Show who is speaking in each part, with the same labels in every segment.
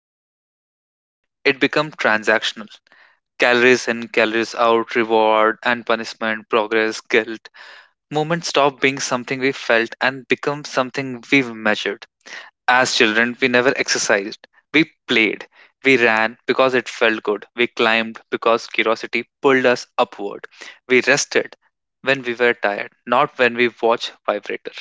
Speaker 1: feeling human. It became transactional. Calories in, calories out, reward and punishment, progress, guilt. Movement stopped being something we felt and became something we measured. As children, we never exercised. We played. We ran because it felt good. We climbed because curiosity pulled us upward. We rested when we were tired, not when we watched Vibrator.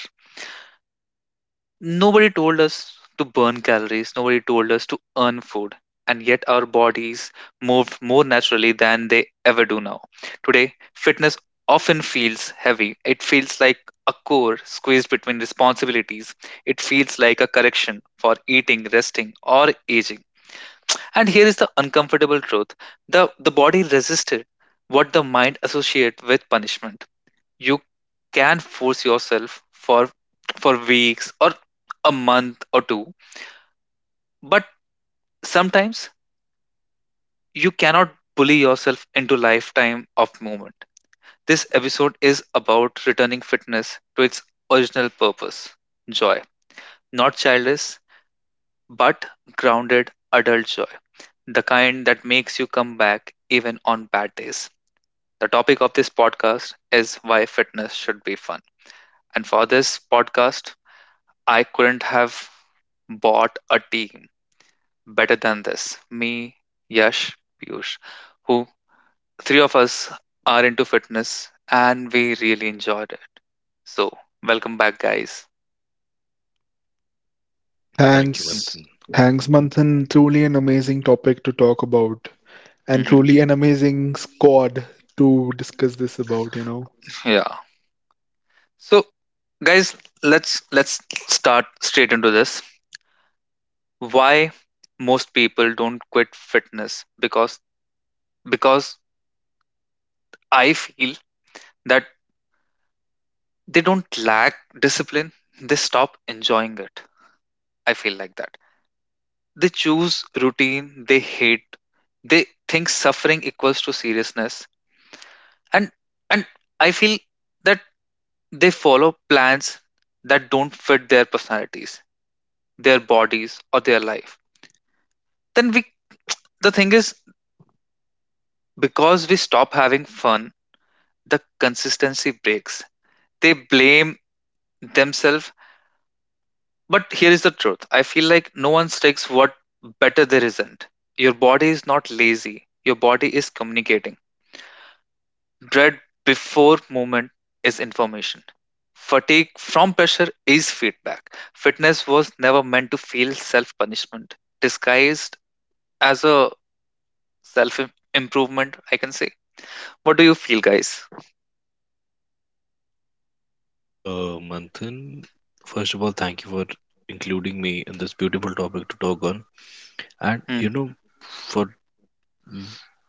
Speaker 1: Nobody told us to burn calories, nobody told us to earn food, and yet our bodies moved more naturally than they ever do now. Today, fitness often feels heavy. It feels like a core squeezed between responsibilities. It feels like a correction for eating, resting, or aging. And here is the uncomfortable truth, the body resisted what the mind associates with punishment. You can force yourself for weeks, or a month or two, but sometimes you cannot bully yourself into lifetime of movement. This episode is about returning fitness to its original purpose: joy. Not childish, but grounded adult joy, the kind that makes you come back even on bad days. The topic of this podcast is why fitness should be fun. And for this podcast, I couldn't have bought a team better than this. Me, Yash, Piyush, who, three of us are into fitness and we really enjoyed it. So, welcome back, guys.
Speaker 2: Thank you,
Speaker 3: Thanks.
Speaker 2: Manthan.
Speaker 3: Thanks, Manthan. Truly an amazing topic to talk about, and
Speaker 1: Hmm.
Speaker 3: truly an amazing squad to discuss this about, you know.
Speaker 1: Yeah. So, guys, let's start straight into this. Why most people don't quit fitness? Because I feel that they don't lack discipline. They stop enjoying it. I feel like that. They choose routine they hate. They think suffering equals to seriousness. And and I feel that they follow plans that don't fit their personalities, their bodies, or their life. Then we the thing is, because we stop having fun, the consistency breaks. They blame themselves. But here is the truth. I feel like no one sticks what better there isn't. Your body is not lazy. Your body is communicating. Dread before movement is information. Fatigue from pressure is feedback. Fitness was never meant to feel self punishment, disguised as a self improvement, I can say. What do you feel, guys?
Speaker 2: Manthan, first of all, thank you for including me in this beautiful topic to talk on. And
Speaker 1: Mm,
Speaker 2: for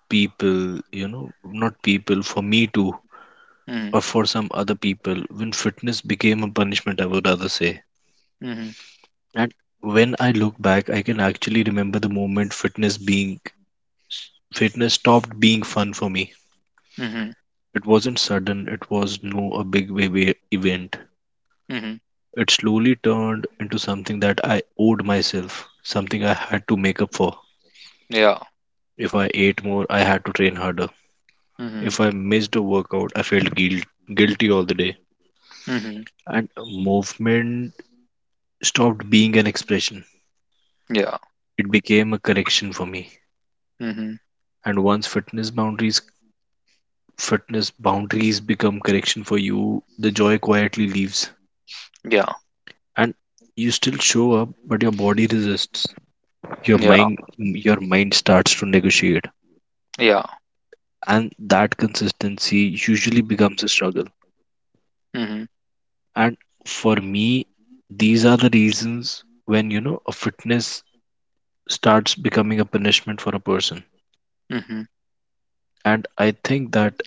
Speaker 2: people, you know, not people, for me too,
Speaker 1: mm,
Speaker 2: or for some other people, when fitness became a punishment, I would rather say.
Speaker 1: mm,
Speaker 2: And when I look back, I can actually remember the moment fitness stopped being fun for me.
Speaker 1: mm,
Speaker 2: It wasn't sudden, it was no a big wave event.
Speaker 1: mm,
Speaker 2: It slowly turned into something that I owed myself, something I had to make up for.
Speaker 1: yeah,
Speaker 2: If I ate more, I had to train harder.
Speaker 1: mm,
Speaker 2: If I missed a workout, I felt guilty all the day.
Speaker 1: mm,
Speaker 2: And movement stopped being an expression.
Speaker 1: yeah,
Speaker 2: It became a correction for me.
Speaker 1: mm,
Speaker 2: And once fitness boundaries become correction for you, the joy quietly leaves.
Speaker 1: yeah,
Speaker 2: And you still show up, but your body resists. Your
Speaker 1: yeah,
Speaker 2: mind your mind starts to negotiate,
Speaker 1: yeah,
Speaker 2: and that consistency usually becomes a struggle.
Speaker 1: mm,
Speaker 2: And for me, these are the reasons when, a fitness starts becoming a punishment for a person.
Speaker 1: mm, mm,
Speaker 2: And I think that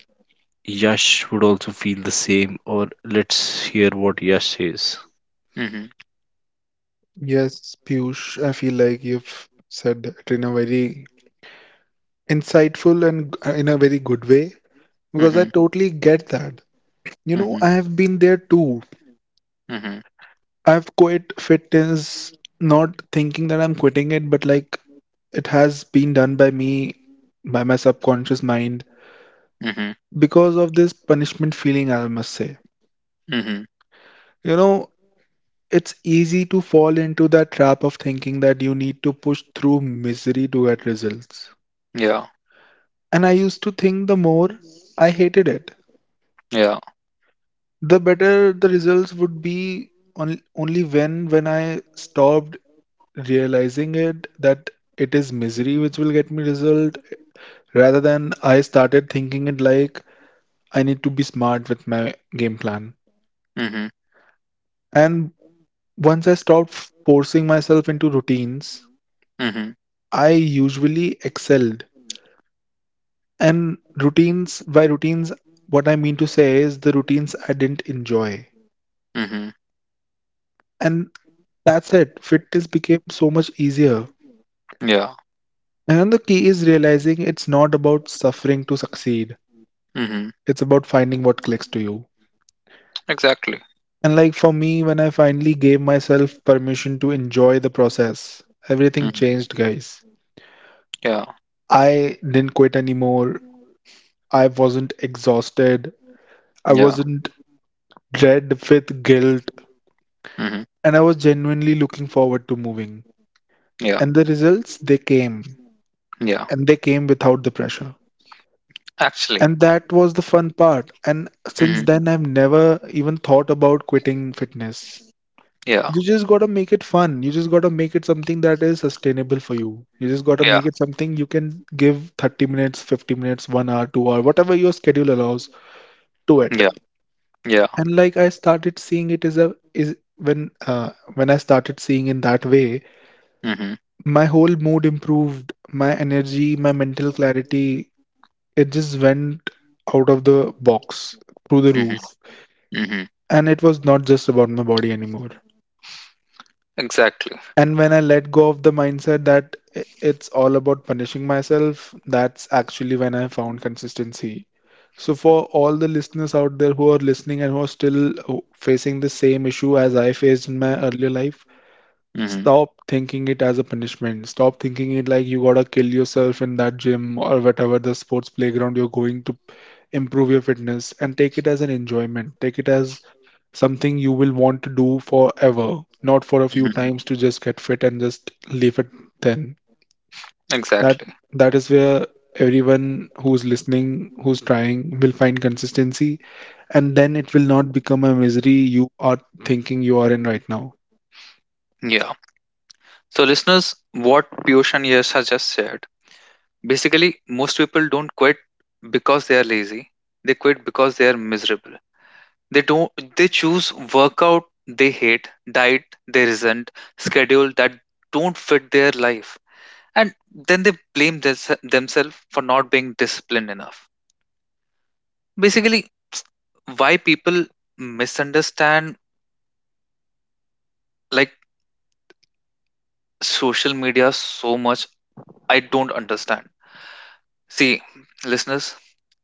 Speaker 2: Yash would also feel the same, or let's hear what Yash says.
Speaker 1: mm,
Speaker 3: Yes, Piyush, I feel like you've said that in a very insightful in a very good way because I totally get that. You know,
Speaker 1: mm,
Speaker 3: I have been there too.
Speaker 1: mm,
Speaker 3: I've quit fitness, not thinking that I'm quitting it, but like it has been done by me, by my subconscious mind
Speaker 1: mm,
Speaker 3: because of this punishment feeling, I must say.
Speaker 1: mm,
Speaker 3: You know, it's easy to fall into that trap of thinking that you need to push through misery to get results.
Speaker 1: yeah,
Speaker 3: And I used to think the more I hated it,
Speaker 1: yeah,
Speaker 3: the better the results would be on, only when I stopped realizing it that it is misery which will get me result, rather than I started thinking it like I need to be smart with my game plan.
Speaker 1: mm,
Speaker 3: And once I stopped forcing myself into routines,
Speaker 1: mm,
Speaker 3: I usually excelled. And routines, by routines, what I mean to say is the routines I didn't enjoy.
Speaker 1: mm,
Speaker 3: And that's it. Fitness became so much easier.
Speaker 1: yeah.
Speaker 3: And the key is realizing it's not about suffering to succeed,
Speaker 1: Mm.
Speaker 3: it's about finding what clicks to you.
Speaker 1: Exactly.
Speaker 3: And like for me, when I finally gave myself permission to enjoy the process, everything
Speaker 1: Hmm.
Speaker 3: changed, guys.
Speaker 1: Yeah.
Speaker 3: I didn't quit anymore. I wasn't exhausted. I
Speaker 1: Yeah.
Speaker 3: wasn't dread with guilt,
Speaker 1: Hmm.
Speaker 3: and I was genuinely looking forward to moving.
Speaker 1: Yeah.
Speaker 3: And the results, they came,
Speaker 1: Yeah.
Speaker 3: and they came without the pressure.
Speaker 1: Actually.
Speaker 3: And that was the fun part. And since
Speaker 1: Hmm.
Speaker 3: then, I've never even thought about quitting fitness.
Speaker 1: Yeah.
Speaker 3: You just gotta make it fun. You just gotta make it something that is sustainable for you. You just gotta
Speaker 1: Yeah.
Speaker 3: make it something you can give 30 minutes, 50 minutes, 1 hour, 2-hour, whatever your schedule allows, do it.
Speaker 1: Yeah. Yeah.
Speaker 3: And like I started seeing it as a is when I started seeing in that way,
Speaker 1: Hmm.
Speaker 3: my whole mood improved, my energy, my mental clarity, it just went out of the box through the
Speaker 1: Hmm.
Speaker 3: roof,
Speaker 1: Hmm.
Speaker 3: and it was not just about my body anymore.
Speaker 1: Exactly.
Speaker 3: And when I let go of the mindset that i- it's all about punishing myself, that's actually when I found consistency. So for all the listeners out there who are listening and who are still uh, facing the same issue as I faced in my earlier life,
Speaker 1: Hmm.
Speaker 3: stop thinking it as a punishment. Stop thinking it like you gotta kill yourself in that gym or whatever the sports playground you're going to improve your fitness, and take it as an enjoyment. Take it as something you will want to do forever, not for a few
Speaker 1: Hmm.
Speaker 3: times to just get fit and just leave it then. That
Speaker 1: Exactly.
Speaker 3: that is where everyone who's listening, who's trying will find consistency, and then it will not become a misery you are thinking you are in right now.
Speaker 1: Yeah. So, listeners, what Piyush and Yash has just said, basically, most people don't quit because they are lazy. They quit because they are miserable. They don't. They choose workout they hate, diet they resent, schedule that don't fit their life, and then they blame themselves for not being disciplined enough, basically. Why people misunderstand like social media so much, I don't understand. See, listeners,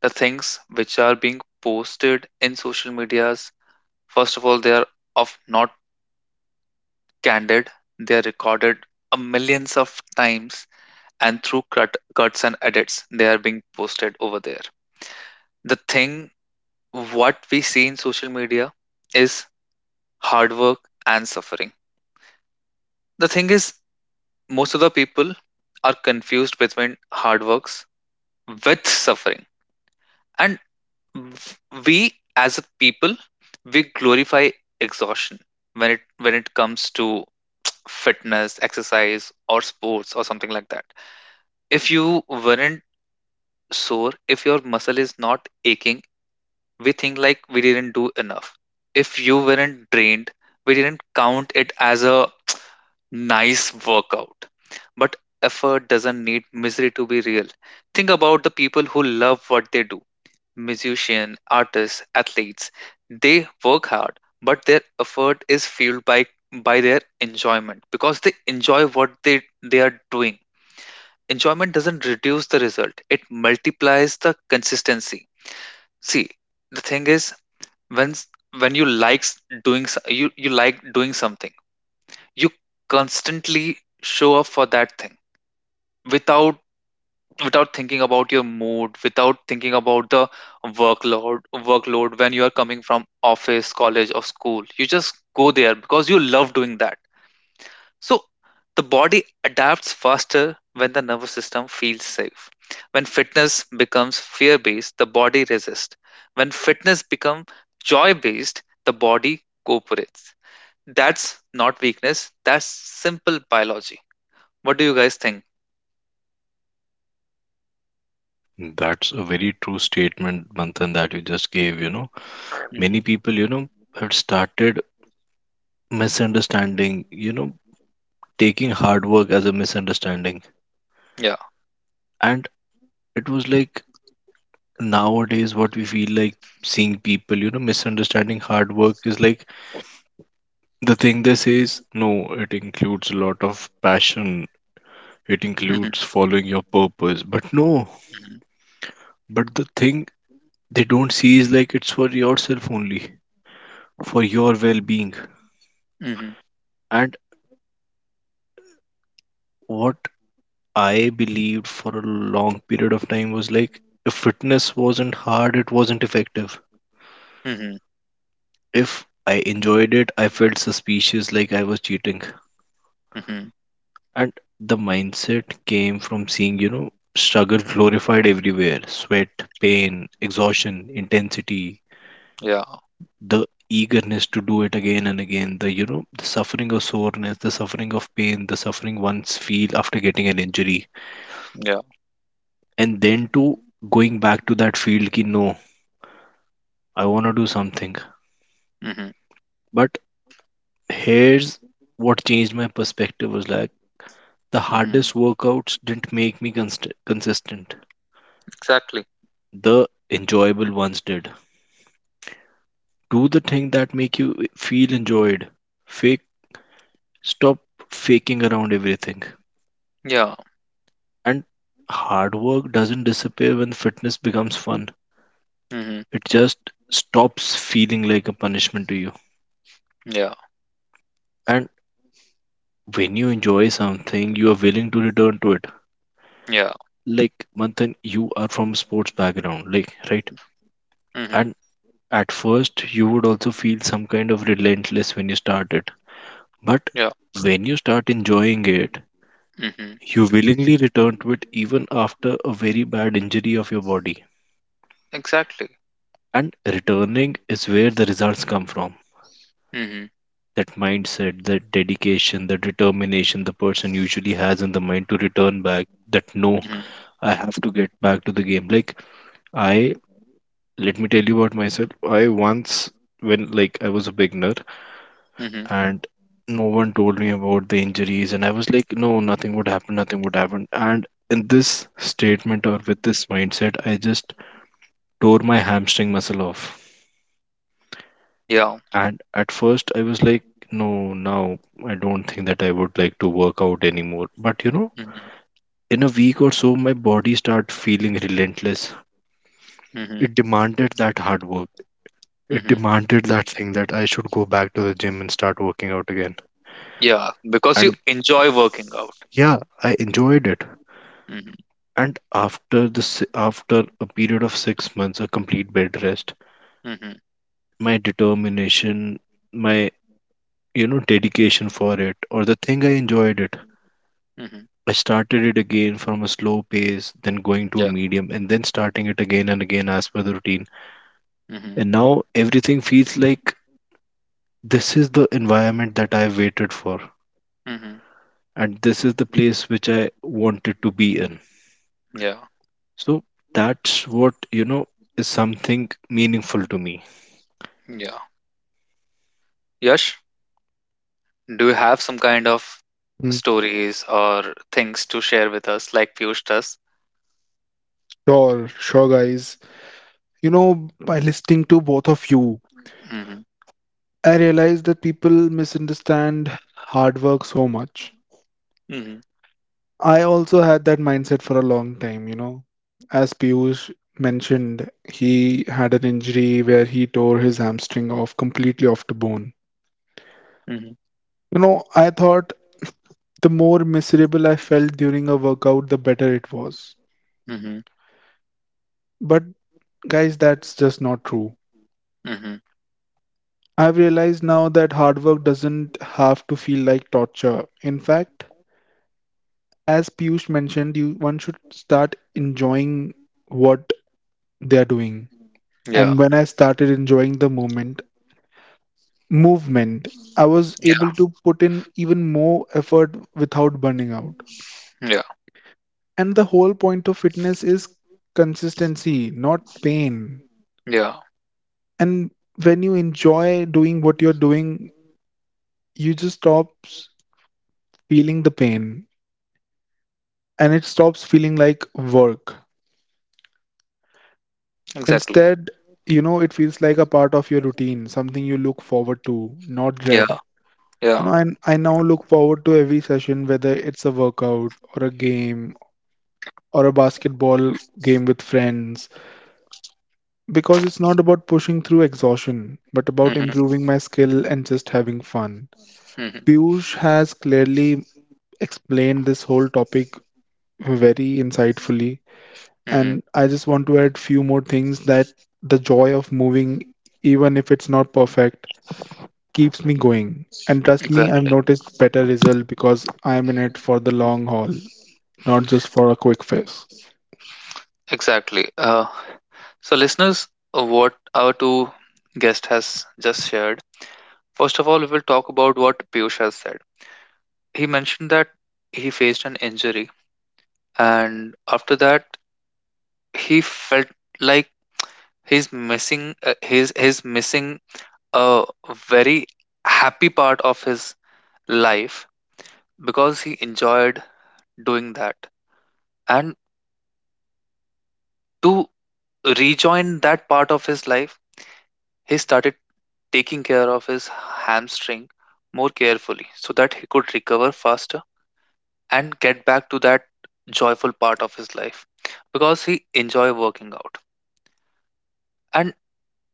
Speaker 1: the things which are being posted in social medias, first of all, they are of not candid, they are recorded a millions of times, and through cuts and edits they are being posted over there. The thing what we see in social media is hard work and suffering. The thing is, most of the people are confused between hard works with suffering. And we as a people, we glorify exhaustion when it comes to fitness, exercise or sports or something like that. If you weren't sore, if your muscle is not aching, we think like we didn't do enough. If you weren't drained, we didn't count it as a nice workout. But effort doesn't need misery to be real. Think about the people who love what they do: musicians, artists, athletes. They work hard, but their effort is fueled by their enjoyment, because they enjoy what they are doing. Enjoyment doesn't reduce the result, it multiplies the consistency. See, the thing is, when s- when you likes you like doing something, you constantly show up for that thing without without thinking about your mood, without thinking about the workload workload, when you are coming from office, college or school. You just go there because you love doing that. So the body adapts faster when the nervous system feels safe. When fitness becomes fear based, the body resists. When fitness becomes joy based, the body cooperates. That's not weakness, that's simple biology. What do you guys think?
Speaker 2: That's a very true statement, Manthan, that you just gave,
Speaker 1: Hmm.
Speaker 2: many people, have started misunderstanding, taking hard work as a misunderstanding.
Speaker 1: Yeah.
Speaker 2: And it was like, nowadays what we feel like seeing people, misunderstanding hard work is like, the thing they say is no, it includes a lot of passion, it
Speaker 1: Hmm.
Speaker 2: includes following your purpose, but no.
Speaker 1: Hmm.
Speaker 2: But the thing they don't see is like it's for yourself only, for your well-being.
Speaker 1: Hmm.
Speaker 2: And what I believed for a long period of time was like, if fitness wasn't hard, it wasn't effective.
Speaker 1: Hmm.
Speaker 2: If I enjoyed it, I felt suspicious, like I was cheating.
Speaker 1: Hmm.
Speaker 2: And the mindset came from seeing, struggle glorified everywhere: sweat, pain, exhaustion, intensity,
Speaker 1: Yeah.
Speaker 2: the eagerness to do it again and again, the suffering of soreness, the suffering of pain, the suffering one's feel after getting an injury.
Speaker 1: Yeah.
Speaker 2: And then to going back to that field, ki, no, I want to do something.
Speaker 1: Hmm.
Speaker 2: But here's what changed my perspective was like, the
Speaker 1: Hmm.
Speaker 2: hardest workouts didn't make me consistent,
Speaker 1: Exactly.
Speaker 2: the enjoyable ones did. Do the thing that make you feel enjoyed. Fake stop faking around everything.
Speaker 1: Yeah.
Speaker 2: And hard work doesn't disappear when fitness becomes fun.
Speaker 1: Hmm.
Speaker 2: It just stops feeling like a punishment to you.
Speaker 1: Yeah.
Speaker 2: And when you enjoy something, you are willing to return to it.
Speaker 1: Yeah.
Speaker 2: Like Manthan, you are from a sports background, like, right?
Speaker 1: Hmm.
Speaker 2: And at first you would also feel some kind of relentless when you start it. But
Speaker 1: Yeah.
Speaker 2: when you start enjoying it,
Speaker 1: Hmm.
Speaker 2: you willingly return to it even after a very bad injury of your body.
Speaker 1: Exactly.
Speaker 2: And returning is where the results come from.
Speaker 1: Hmm.
Speaker 2: That mindset, that dedication, the determination the person usually has in the mind to return back, that no, I have to get back to the game. Like, I, let me tell you about myself. I once, when like I was a beginner,
Speaker 1: Hmm.
Speaker 2: and no one told me about the injuries, and I was like, no, nothing would happen, nothing would happen. And in this statement or with this mindset, I just tore my hamstring muscle off.
Speaker 1: Yeah.
Speaker 2: And at first, I was like, no, now I don't think that I would like to work out anymore. But
Speaker 1: Mhm.
Speaker 2: in a week or so, my body started feeling relentless.
Speaker 1: Mhm.
Speaker 2: It demanded that hard work. It
Speaker 1: Mhm.
Speaker 2: demanded that thing that I should go back to the gym and start working out again.
Speaker 1: Yeah, because you
Speaker 2: And
Speaker 1: enjoy working out.
Speaker 2: yeah, I enjoyed it.
Speaker 1: Mhm.
Speaker 2: And after a period of 6 months, a complete bed rest,
Speaker 1: Mhm.
Speaker 2: my determination, my, dedication for it, or the thing I enjoyed it,
Speaker 1: Mhm.
Speaker 2: I started it again from a slow pace, then going to a
Speaker 1: Yeah.
Speaker 2: medium, and then starting it again and again as per the routine.
Speaker 1: Mhm.
Speaker 2: And now everything feels like this is the environment that I waited for,
Speaker 1: Mhm.
Speaker 2: and this is the place which I wanted to be in.
Speaker 1: Yeah.
Speaker 2: So that's what, is something meaningful to me.
Speaker 1: Yeah. Yash, do you have some kind of
Speaker 3: Mm.
Speaker 1: stories or things to share with us, like Piyush does?
Speaker 3: Sure, sure guys. You know, by listening to both of you,
Speaker 1: Mhm.
Speaker 3: I realized that people misunderstand hard work so much.
Speaker 1: Mhm.
Speaker 3: I also had that mindset for a long time, you know. As Piyush mentioned, he had an injury where he tore his hamstring off, completely off the bone.
Speaker 1: Mhm.
Speaker 3: You know, I thought the more miserable I felt during a workout, the better it was.
Speaker 1: Mhm.
Speaker 3: But guys, that's just not true.
Speaker 1: Mhm.
Speaker 3: I've realized now that hard work doesn't have to feel like torture. In fact, as Piyush mentioned, you one should start enjoying what they are doing.
Speaker 1: Yeah.
Speaker 3: And when I started enjoying the movement, I was able
Speaker 1: Yeah.
Speaker 3: to put in even more effort without burning out.
Speaker 1: Yeah.
Speaker 3: And the whole point of fitness is consistency, not pain.
Speaker 1: Yeah.
Speaker 3: And when you enjoy doing what you're doing, you just stops feeling the pain and it stops feeling like work.
Speaker 1: Exactly.
Speaker 3: Instead, you know, it feels like a part of your routine, something you look forward to, not
Speaker 1: Yeah.
Speaker 3: dread. You
Speaker 1: Yeah.
Speaker 3: know, and I now look forward to every session, whether it's a workout or a game or a basketball game with friends, because it's not about pushing through exhaustion, but about
Speaker 1: Mhm.
Speaker 3: improving my skill and just having fun.
Speaker 1: Mhm.
Speaker 3: Piyush has clearly explained this whole topic very insightfully,
Speaker 1: Mhm.
Speaker 3: and I just want to add few more things that the joy of moving, even if it's not perfect, keeps me going. And trust me, I've
Speaker 1: Exactly.
Speaker 3: noticed better result because I'm in it for the long haul, not just for a quick fix.
Speaker 1: Exactly. So, listeners, what our two guest has just shared. First of all, we will talk about what Piyush has said. He mentioned that he faced an injury, and after that, he felt like he's missing he's missing a very happy part of his life because he enjoyed doing that. And to rejoin that part of his life, he started taking care of his hamstring more carefully so that he could recover faster and get back to that joyful part of his life because he enjoy working out. And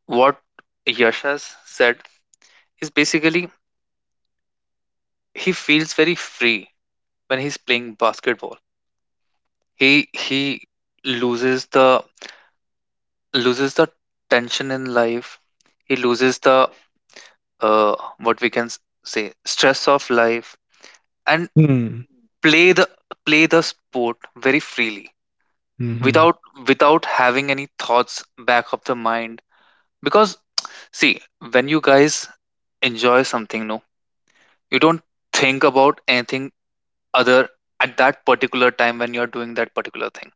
Speaker 1: what Yash has said is basically he feels very free when he's playing basketball. He loses the loses the tension in life. He loses the what we can say stress of life, and
Speaker 3: Hmm.
Speaker 1: play the play the sport very freely
Speaker 3: Mm-hmm.
Speaker 1: without having any thoughts back of the mind, because, see, when you guys enjoy something, no, you don't think about anything other at that particular time when you're doing that particular thing.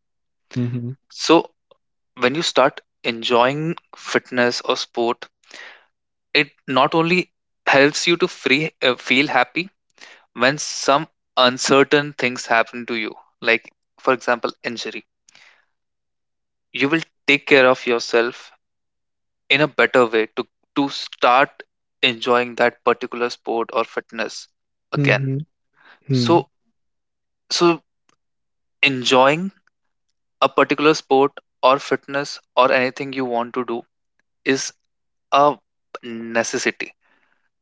Speaker 3: Mm-hmm.
Speaker 1: So, when you start enjoying fitness or sport, it not only helps you to free feel happy when some uncertain things happen to you, like, for example, injury. You will take care of yourself in a better way to start enjoying that particular sport or fitness again.
Speaker 3: Mm-hmm. Hmm.
Speaker 1: So So, enjoying a particular sport or fitness or anything you want to do is a necessity.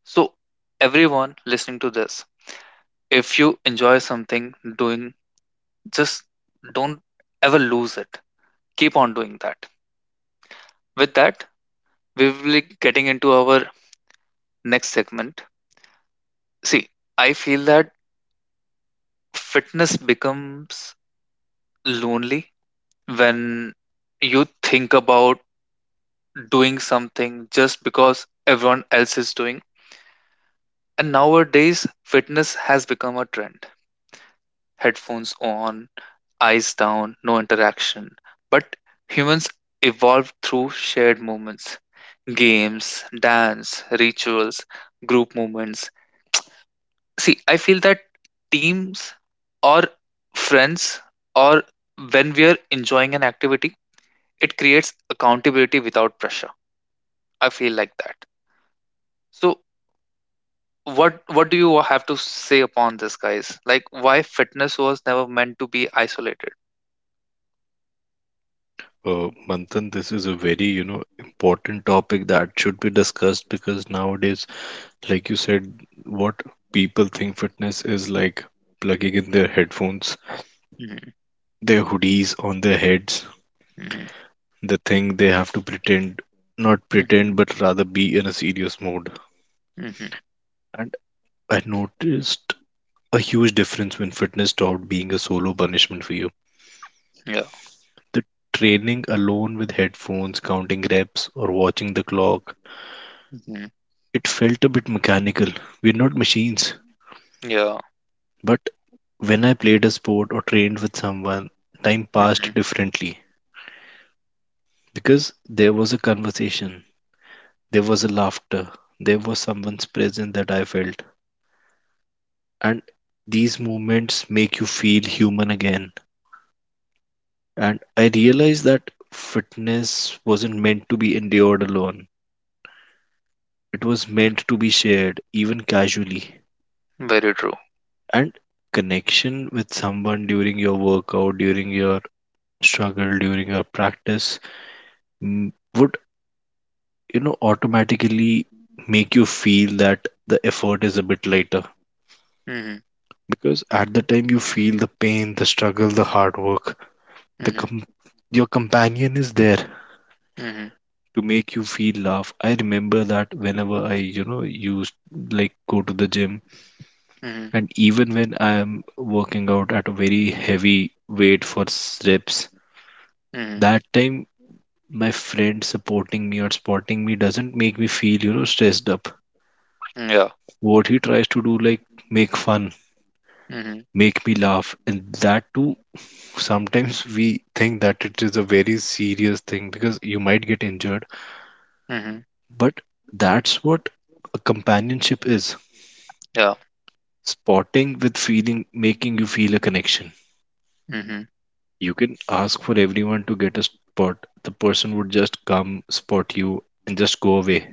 Speaker 1: So, everyone listening to this, if you enjoy something doing, just don't ever lose it. Keep on doing that. With that, we will be getting into our next segment. See, I feel that fitness becomes lonely when you think about doing something just because everyone else is doing. And nowadays, fitness has become a trend. Headphones on, eyes down, no interaction. But humans evolved through shared moments: games, dance, rituals, group moments. See, I feel that teams or friends, or when we are enjoying an activity, it creates accountability without pressure. I feel like that. So, what do you have to say upon this, guys, like why fitness was never meant to be isolated?
Speaker 2: Manthan, this is a very, important topic that should be discussed, because nowadays, like you said, what people think fitness is like plugging in their headphones,
Speaker 1: Mm-hmm.
Speaker 2: their hoodies on their heads, the thing they have to pretend, not
Speaker 1: Hmm.
Speaker 2: pretend, but rather be in a serious mode.
Speaker 1: Hmm.
Speaker 2: And I noticed a huge difference when fitness stopped being a solo punishment for you.
Speaker 1: Yeah.
Speaker 2: The training alone with headphones, counting reps, or watching the clock,
Speaker 1: Hmm.
Speaker 2: it felt a bit mechanical. We're not machines.
Speaker 1: Yeah.
Speaker 2: But when I played a sport or trained with someone, time
Speaker 1: Hmm.
Speaker 2: passed differently because there was a conversation, there was a laughter, there was someone's presence that I felt. And these movements make you feel human again. And I realized that fitness wasn't meant to be endured alone, it was meant to be shared, even casually.
Speaker 1: Very true.
Speaker 2: And connection with someone during your workout, during your struggle, during your practice would, automatically make you feel that the effort is a bit lighter.
Speaker 1: Hmm.
Speaker 2: Because at the time you feel the pain, the struggle, the hard work, the
Speaker 1: Hmm.
Speaker 2: com- your companion is there
Speaker 1: Hmm.
Speaker 2: to make you feel laugh. I remember that whenever I, used like go to the gym,
Speaker 1: Hmm.
Speaker 2: and even when I am working out at a very heavy weight for reps,
Speaker 1: Hmm.
Speaker 2: that time my friend supporting me or spotting me doesn't make me feel, stressed up.
Speaker 1: Yeah.
Speaker 2: What he tries to do, like make fun,
Speaker 1: Hmm.
Speaker 2: make me laugh, and that too. Sometimes we think that it is a very serious thing because you might get injured,
Speaker 1: Hmm.
Speaker 2: but that's what a companionship is:
Speaker 1: Yeah.
Speaker 2: spotting with feeling, making you feel a connection.
Speaker 1: Hmm.
Speaker 2: You can ask for everyone to get a spot, the person would just come spot you and just go away,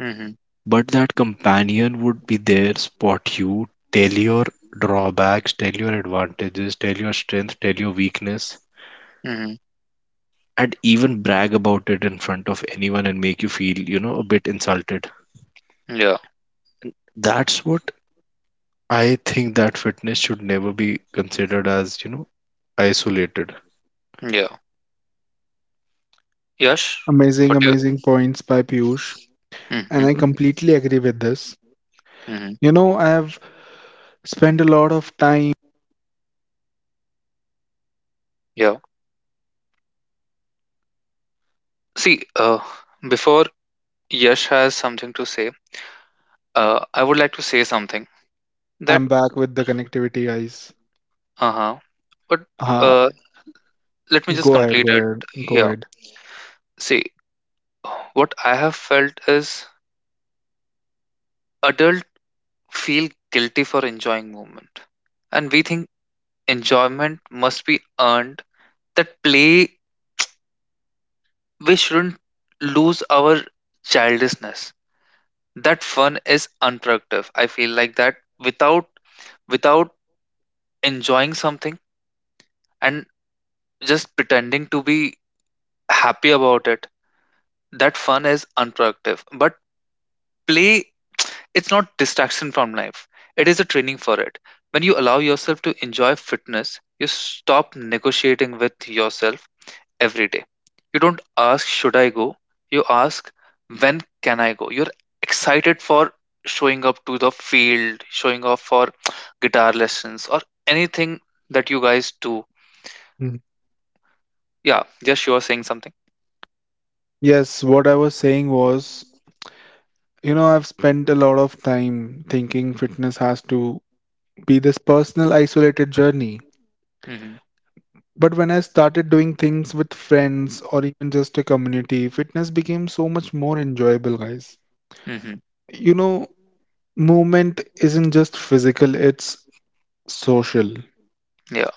Speaker 1: Hmm.
Speaker 2: but that companion would be there, spot you, tell your drawbacks, tell your advantages, tell your strength, tell your weakness,
Speaker 1: Hmm.
Speaker 2: and even brag about it in front of anyone and make you feel, a bit insulted.
Speaker 1: Yeah.
Speaker 2: That's what I think, that fitness should never be considered as, isolated.
Speaker 1: Yeah. Yash,
Speaker 3: Amazing,
Speaker 1: what do you—
Speaker 3: amazing points by Piyush. And
Speaker 1: Hmm.
Speaker 3: I completely agree with this.
Speaker 1: Hmm.
Speaker 3: You know, I have spent a lot of time.
Speaker 1: Yeah. See, before Yash has something to say, I would like to say something that—
Speaker 3: I'm back with the connectivity, guys.
Speaker 1: Uh-huh. But,
Speaker 3: Uh,
Speaker 1: uh let me just
Speaker 3: go ahead,
Speaker 1: complete
Speaker 3: go
Speaker 1: it
Speaker 3: ahead, go
Speaker 1: here.
Speaker 3: ahead.
Speaker 1: See, what I have felt is adults feel guilty for enjoying movement. And we think enjoyment must be earned. That play, we shouldn't lose our childishness. That fun is unproductive. I feel like that, without without enjoying something and just pretending to be happy about it, that fun is unproductive. But play, it's not distraction from life. It is a training for it. When you allow yourself to enjoy fitness, you stop negotiating with yourself every day. You don't ask should I go? You ask when can I go? You're excited for showing up to the field, showing up for guitar lessons or anything that you guys do.
Speaker 3: Mm.
Speaker 1: Yeah, just you are saying something.
Speaker 3: Yes, what I was saying was, you know, I've spent a lot of time thinking fitness has to be this personal, isolated journey.
Speaker 1: Mm-hmm.
Speaker 3: But when I started doing things with friends or even just a community, fitness became so much more enjoyable, guys.
Speaker 1: Mm-hmm.
Speaker 3: You know, movement isn't just physical, it's social.
Speaker 1: Yeah.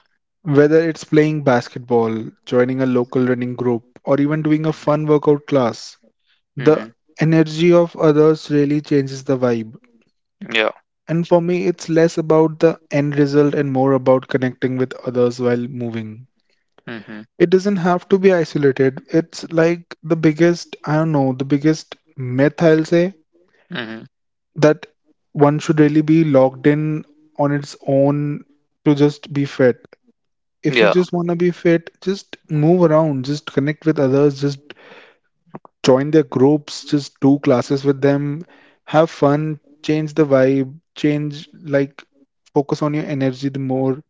Speaker 3: Whether it's playing basketball, joining a local running group, or even doing a
Speaker 1: Mm-hmm.
Speaker 3: fun workout class, the
Speaker 1: Mm-hmm.
Speaker 3: energy of others really changes the vibe.
Speaker 1: Yeah.
Speaker 3: And for me, it's less about the end result and more about connecting with others while moving.
Speaker 1: Mm-hmm.
Speaker 3: It doesn't have to be isolated. It's like the biggest, I don't know, the biggest myth I'll say
Speaker 1: Mm-hmm.
Speaker 3: that one should really be locked in on its own to just be fit. If you
Speaker 1: Yeah.
Speaker 3: just want to be fit, just move around, just connect with others, just join their groups, just do classes with them, have fun, change the vibe, change like focus on your energy the more,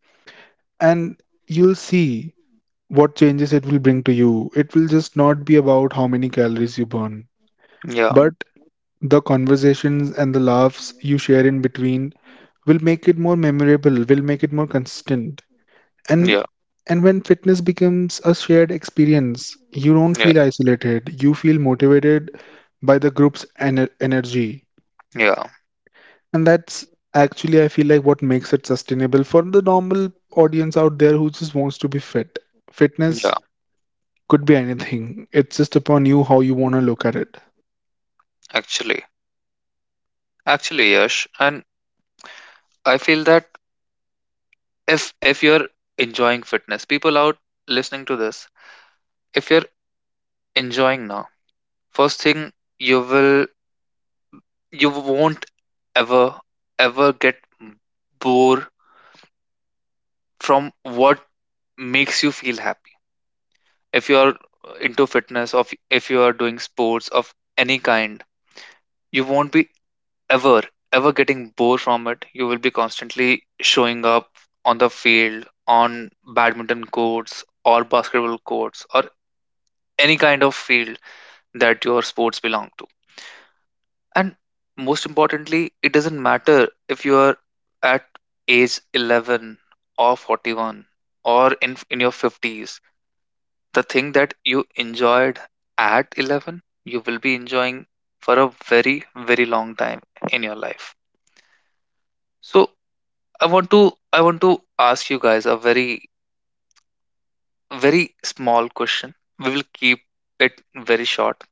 Speaker 3: and you'll see what changes it will bring to you. It will just not be about how many calories you burn,
Speaker 1: Yeah.
Speaker 3: but the conversations and the laughs you share in between will make it more memorable, will make it more consistent. And
Speaker 1: Yeah.
Speaker 3: and when fitness becomes a shared experience, you don't
Speaker 1: Yeah.
Speaker 3: feel isolated. You feel motivated by the group's energy.
Speaker 1: Yeah,
Speaker 3: And that's actually, I feel like, what makes it sustainable for the normal audience out there who just wants to be fit. Fitness
Speaker 1: yeah,
Speaker 3: could be anything. It's just upon you how you want to look at it.
Speaker 1: actually, actually, Yash, and I feel that if you're enjoying fitness, people out listening to this, if you're enjoying now, first thing you will, you won't ever ever get bored from what makes you feel happy. If you're into fitness, of if you are doing sports of any kind, you won't be ever ever getting bored from it. You will be constantly showing up on the field, on badminton courts or basketball courts or any kind of field that your sports belong to. And most importantly, it doesn't matter if you are at age 11 or 41 or in your 50s. The thing that you enjoyed at 11, you will be enjoying for a very long time in your life. So I want to I want to ask you guys a very small question. We will keep it very short.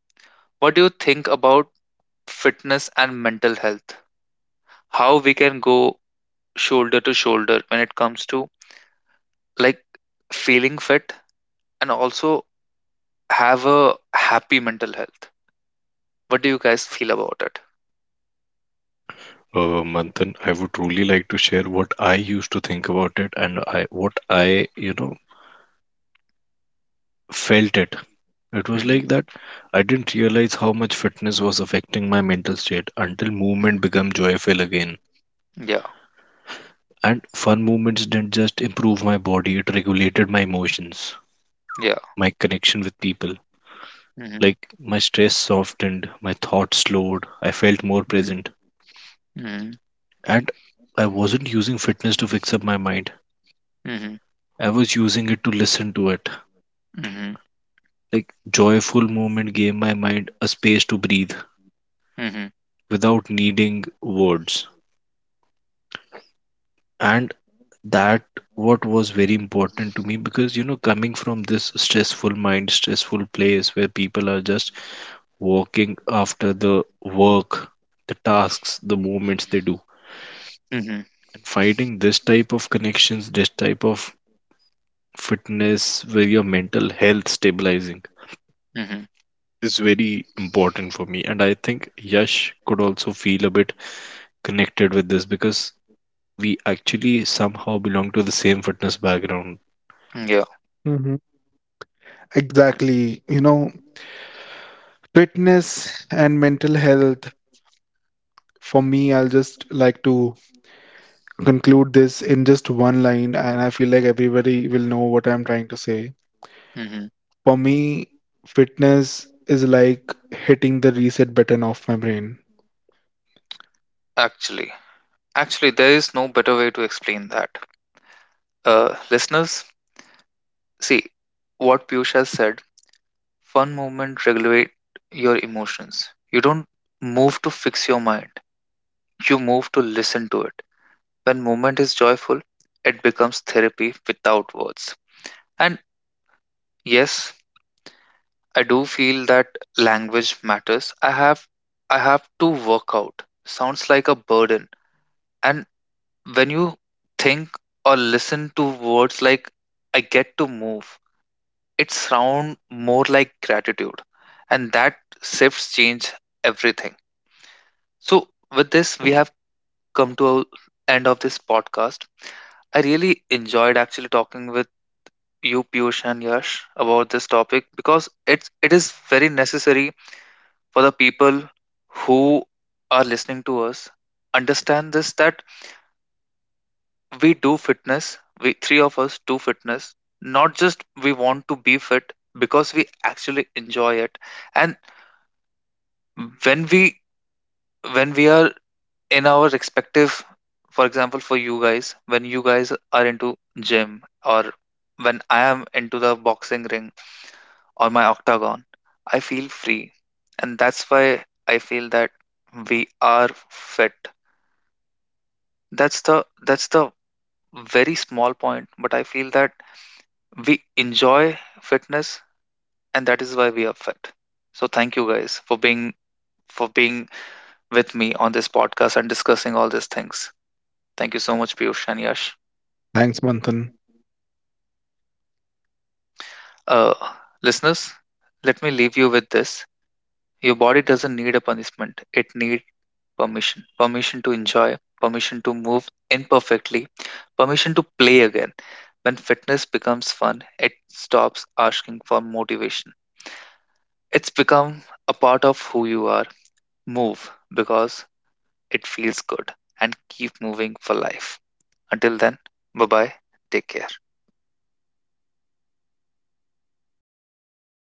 Speaker 1: What do you think about fitness and mental health? How we can go shoulder to shoulder when it comes to, like, feeling fit and also have a happy mental health. What do you guys feel about it?
Speaker 2: Manthan, I would really like to share what I used to think about it and I what I, felt it. It was
Speaker 1: Hmm.
Speaker 2: like that I didn't realize how much fitness was affecting my mental state until movement
Speaker 1: Hmm.
Speaker 2: became joyful again.
Speaker 1: Yeah,
Speaker 2: And fun movements didn't just improve my body, it regulated my emotions,
Speaker 1: yeah.
Speaker 2: my connection with people.
Speaker 1: Hmm.
Speaker 2: Like my stress softened, my thoughts slowed, I felt more present.
Speaker 1: Hmm. Hmm.
Speaker 2: And I wasn't using fitness to fix up my mind. I was using it to listen to it,
Speaker 1: Hmm.
Speaker 2: like joyful moment gave my mind a space to breathe
Speaker 1: Hmm.
Speaker 2: without needing words. And that what was very important to me, because coming from this stressful mind, stressful place, where people are just walking after the work, the tasks, the movements they do,
Speaker 1: Hmm.
Speaker 2: and finding this type of connections, this type of fitness with your mental health stabilizing,
Speaker 1: Hmm.
Speaker 2: is very important for me. And I think Yash could also feel a bit connected with this, because we actually somehow belong to the same fitness background.
Speaker 1: Yeah.
Speaker 3: Mm-hmm. Exactly. You know, fitness and mental health, for me, I'll just like to conclude this in just one line, and I feel like everybody will know what I'm trying to say.
Speaker 1: Hmm.
Speaker 3: For me, fitness is like hitting the reset button of my brain.
Speaker 1: Actually, there is no better way to explain that. Listeners, see what Piyush has said. Fun movement regulate your emotions. You don't move to fix your mind. You move to listen to it. When movement is joyful, it becomes therapy without words. And yes, I do feel that language matters. I have to work out, sounds like a burden. And when you think or listen to words like I get to move, it sounds more like gratitude, and that shifts change everything. So with this we have come to a end of this podcast. I really enjoyed actually talking with you, Piyush and Yash, about this topic, because it is very necessary for the people who are listening to us understand this, that we do fitness, we three of us do fitness, not just we want to be fit, because we actually enjoy it. And when we when we are in our respective, for example, for you guys, when you guys are into gym, or when I am into the boxing ring or my octagon, I feel free. And that's why I feel that we are fit. That's the that's the very small point, but I feel that we enjoy fitness, and that is why we are fit. So thank you guys for being with me on this podcast and discussing all these things. Thank you so much, Piyush and Yash.
Speaker 3: Thanks, Manthan.
Speaker 1: Uh, listeners, let me leave you with this. Your body doesn't need a punishment, it needs permission. Permission to enjoy, permission to move imperfectly, permission to play again. When fitness becomes fun, it stops asking for motivation. It's become a part of who you are. Move because it feels good, and keep moving for life. Until then, bye bye. Take care.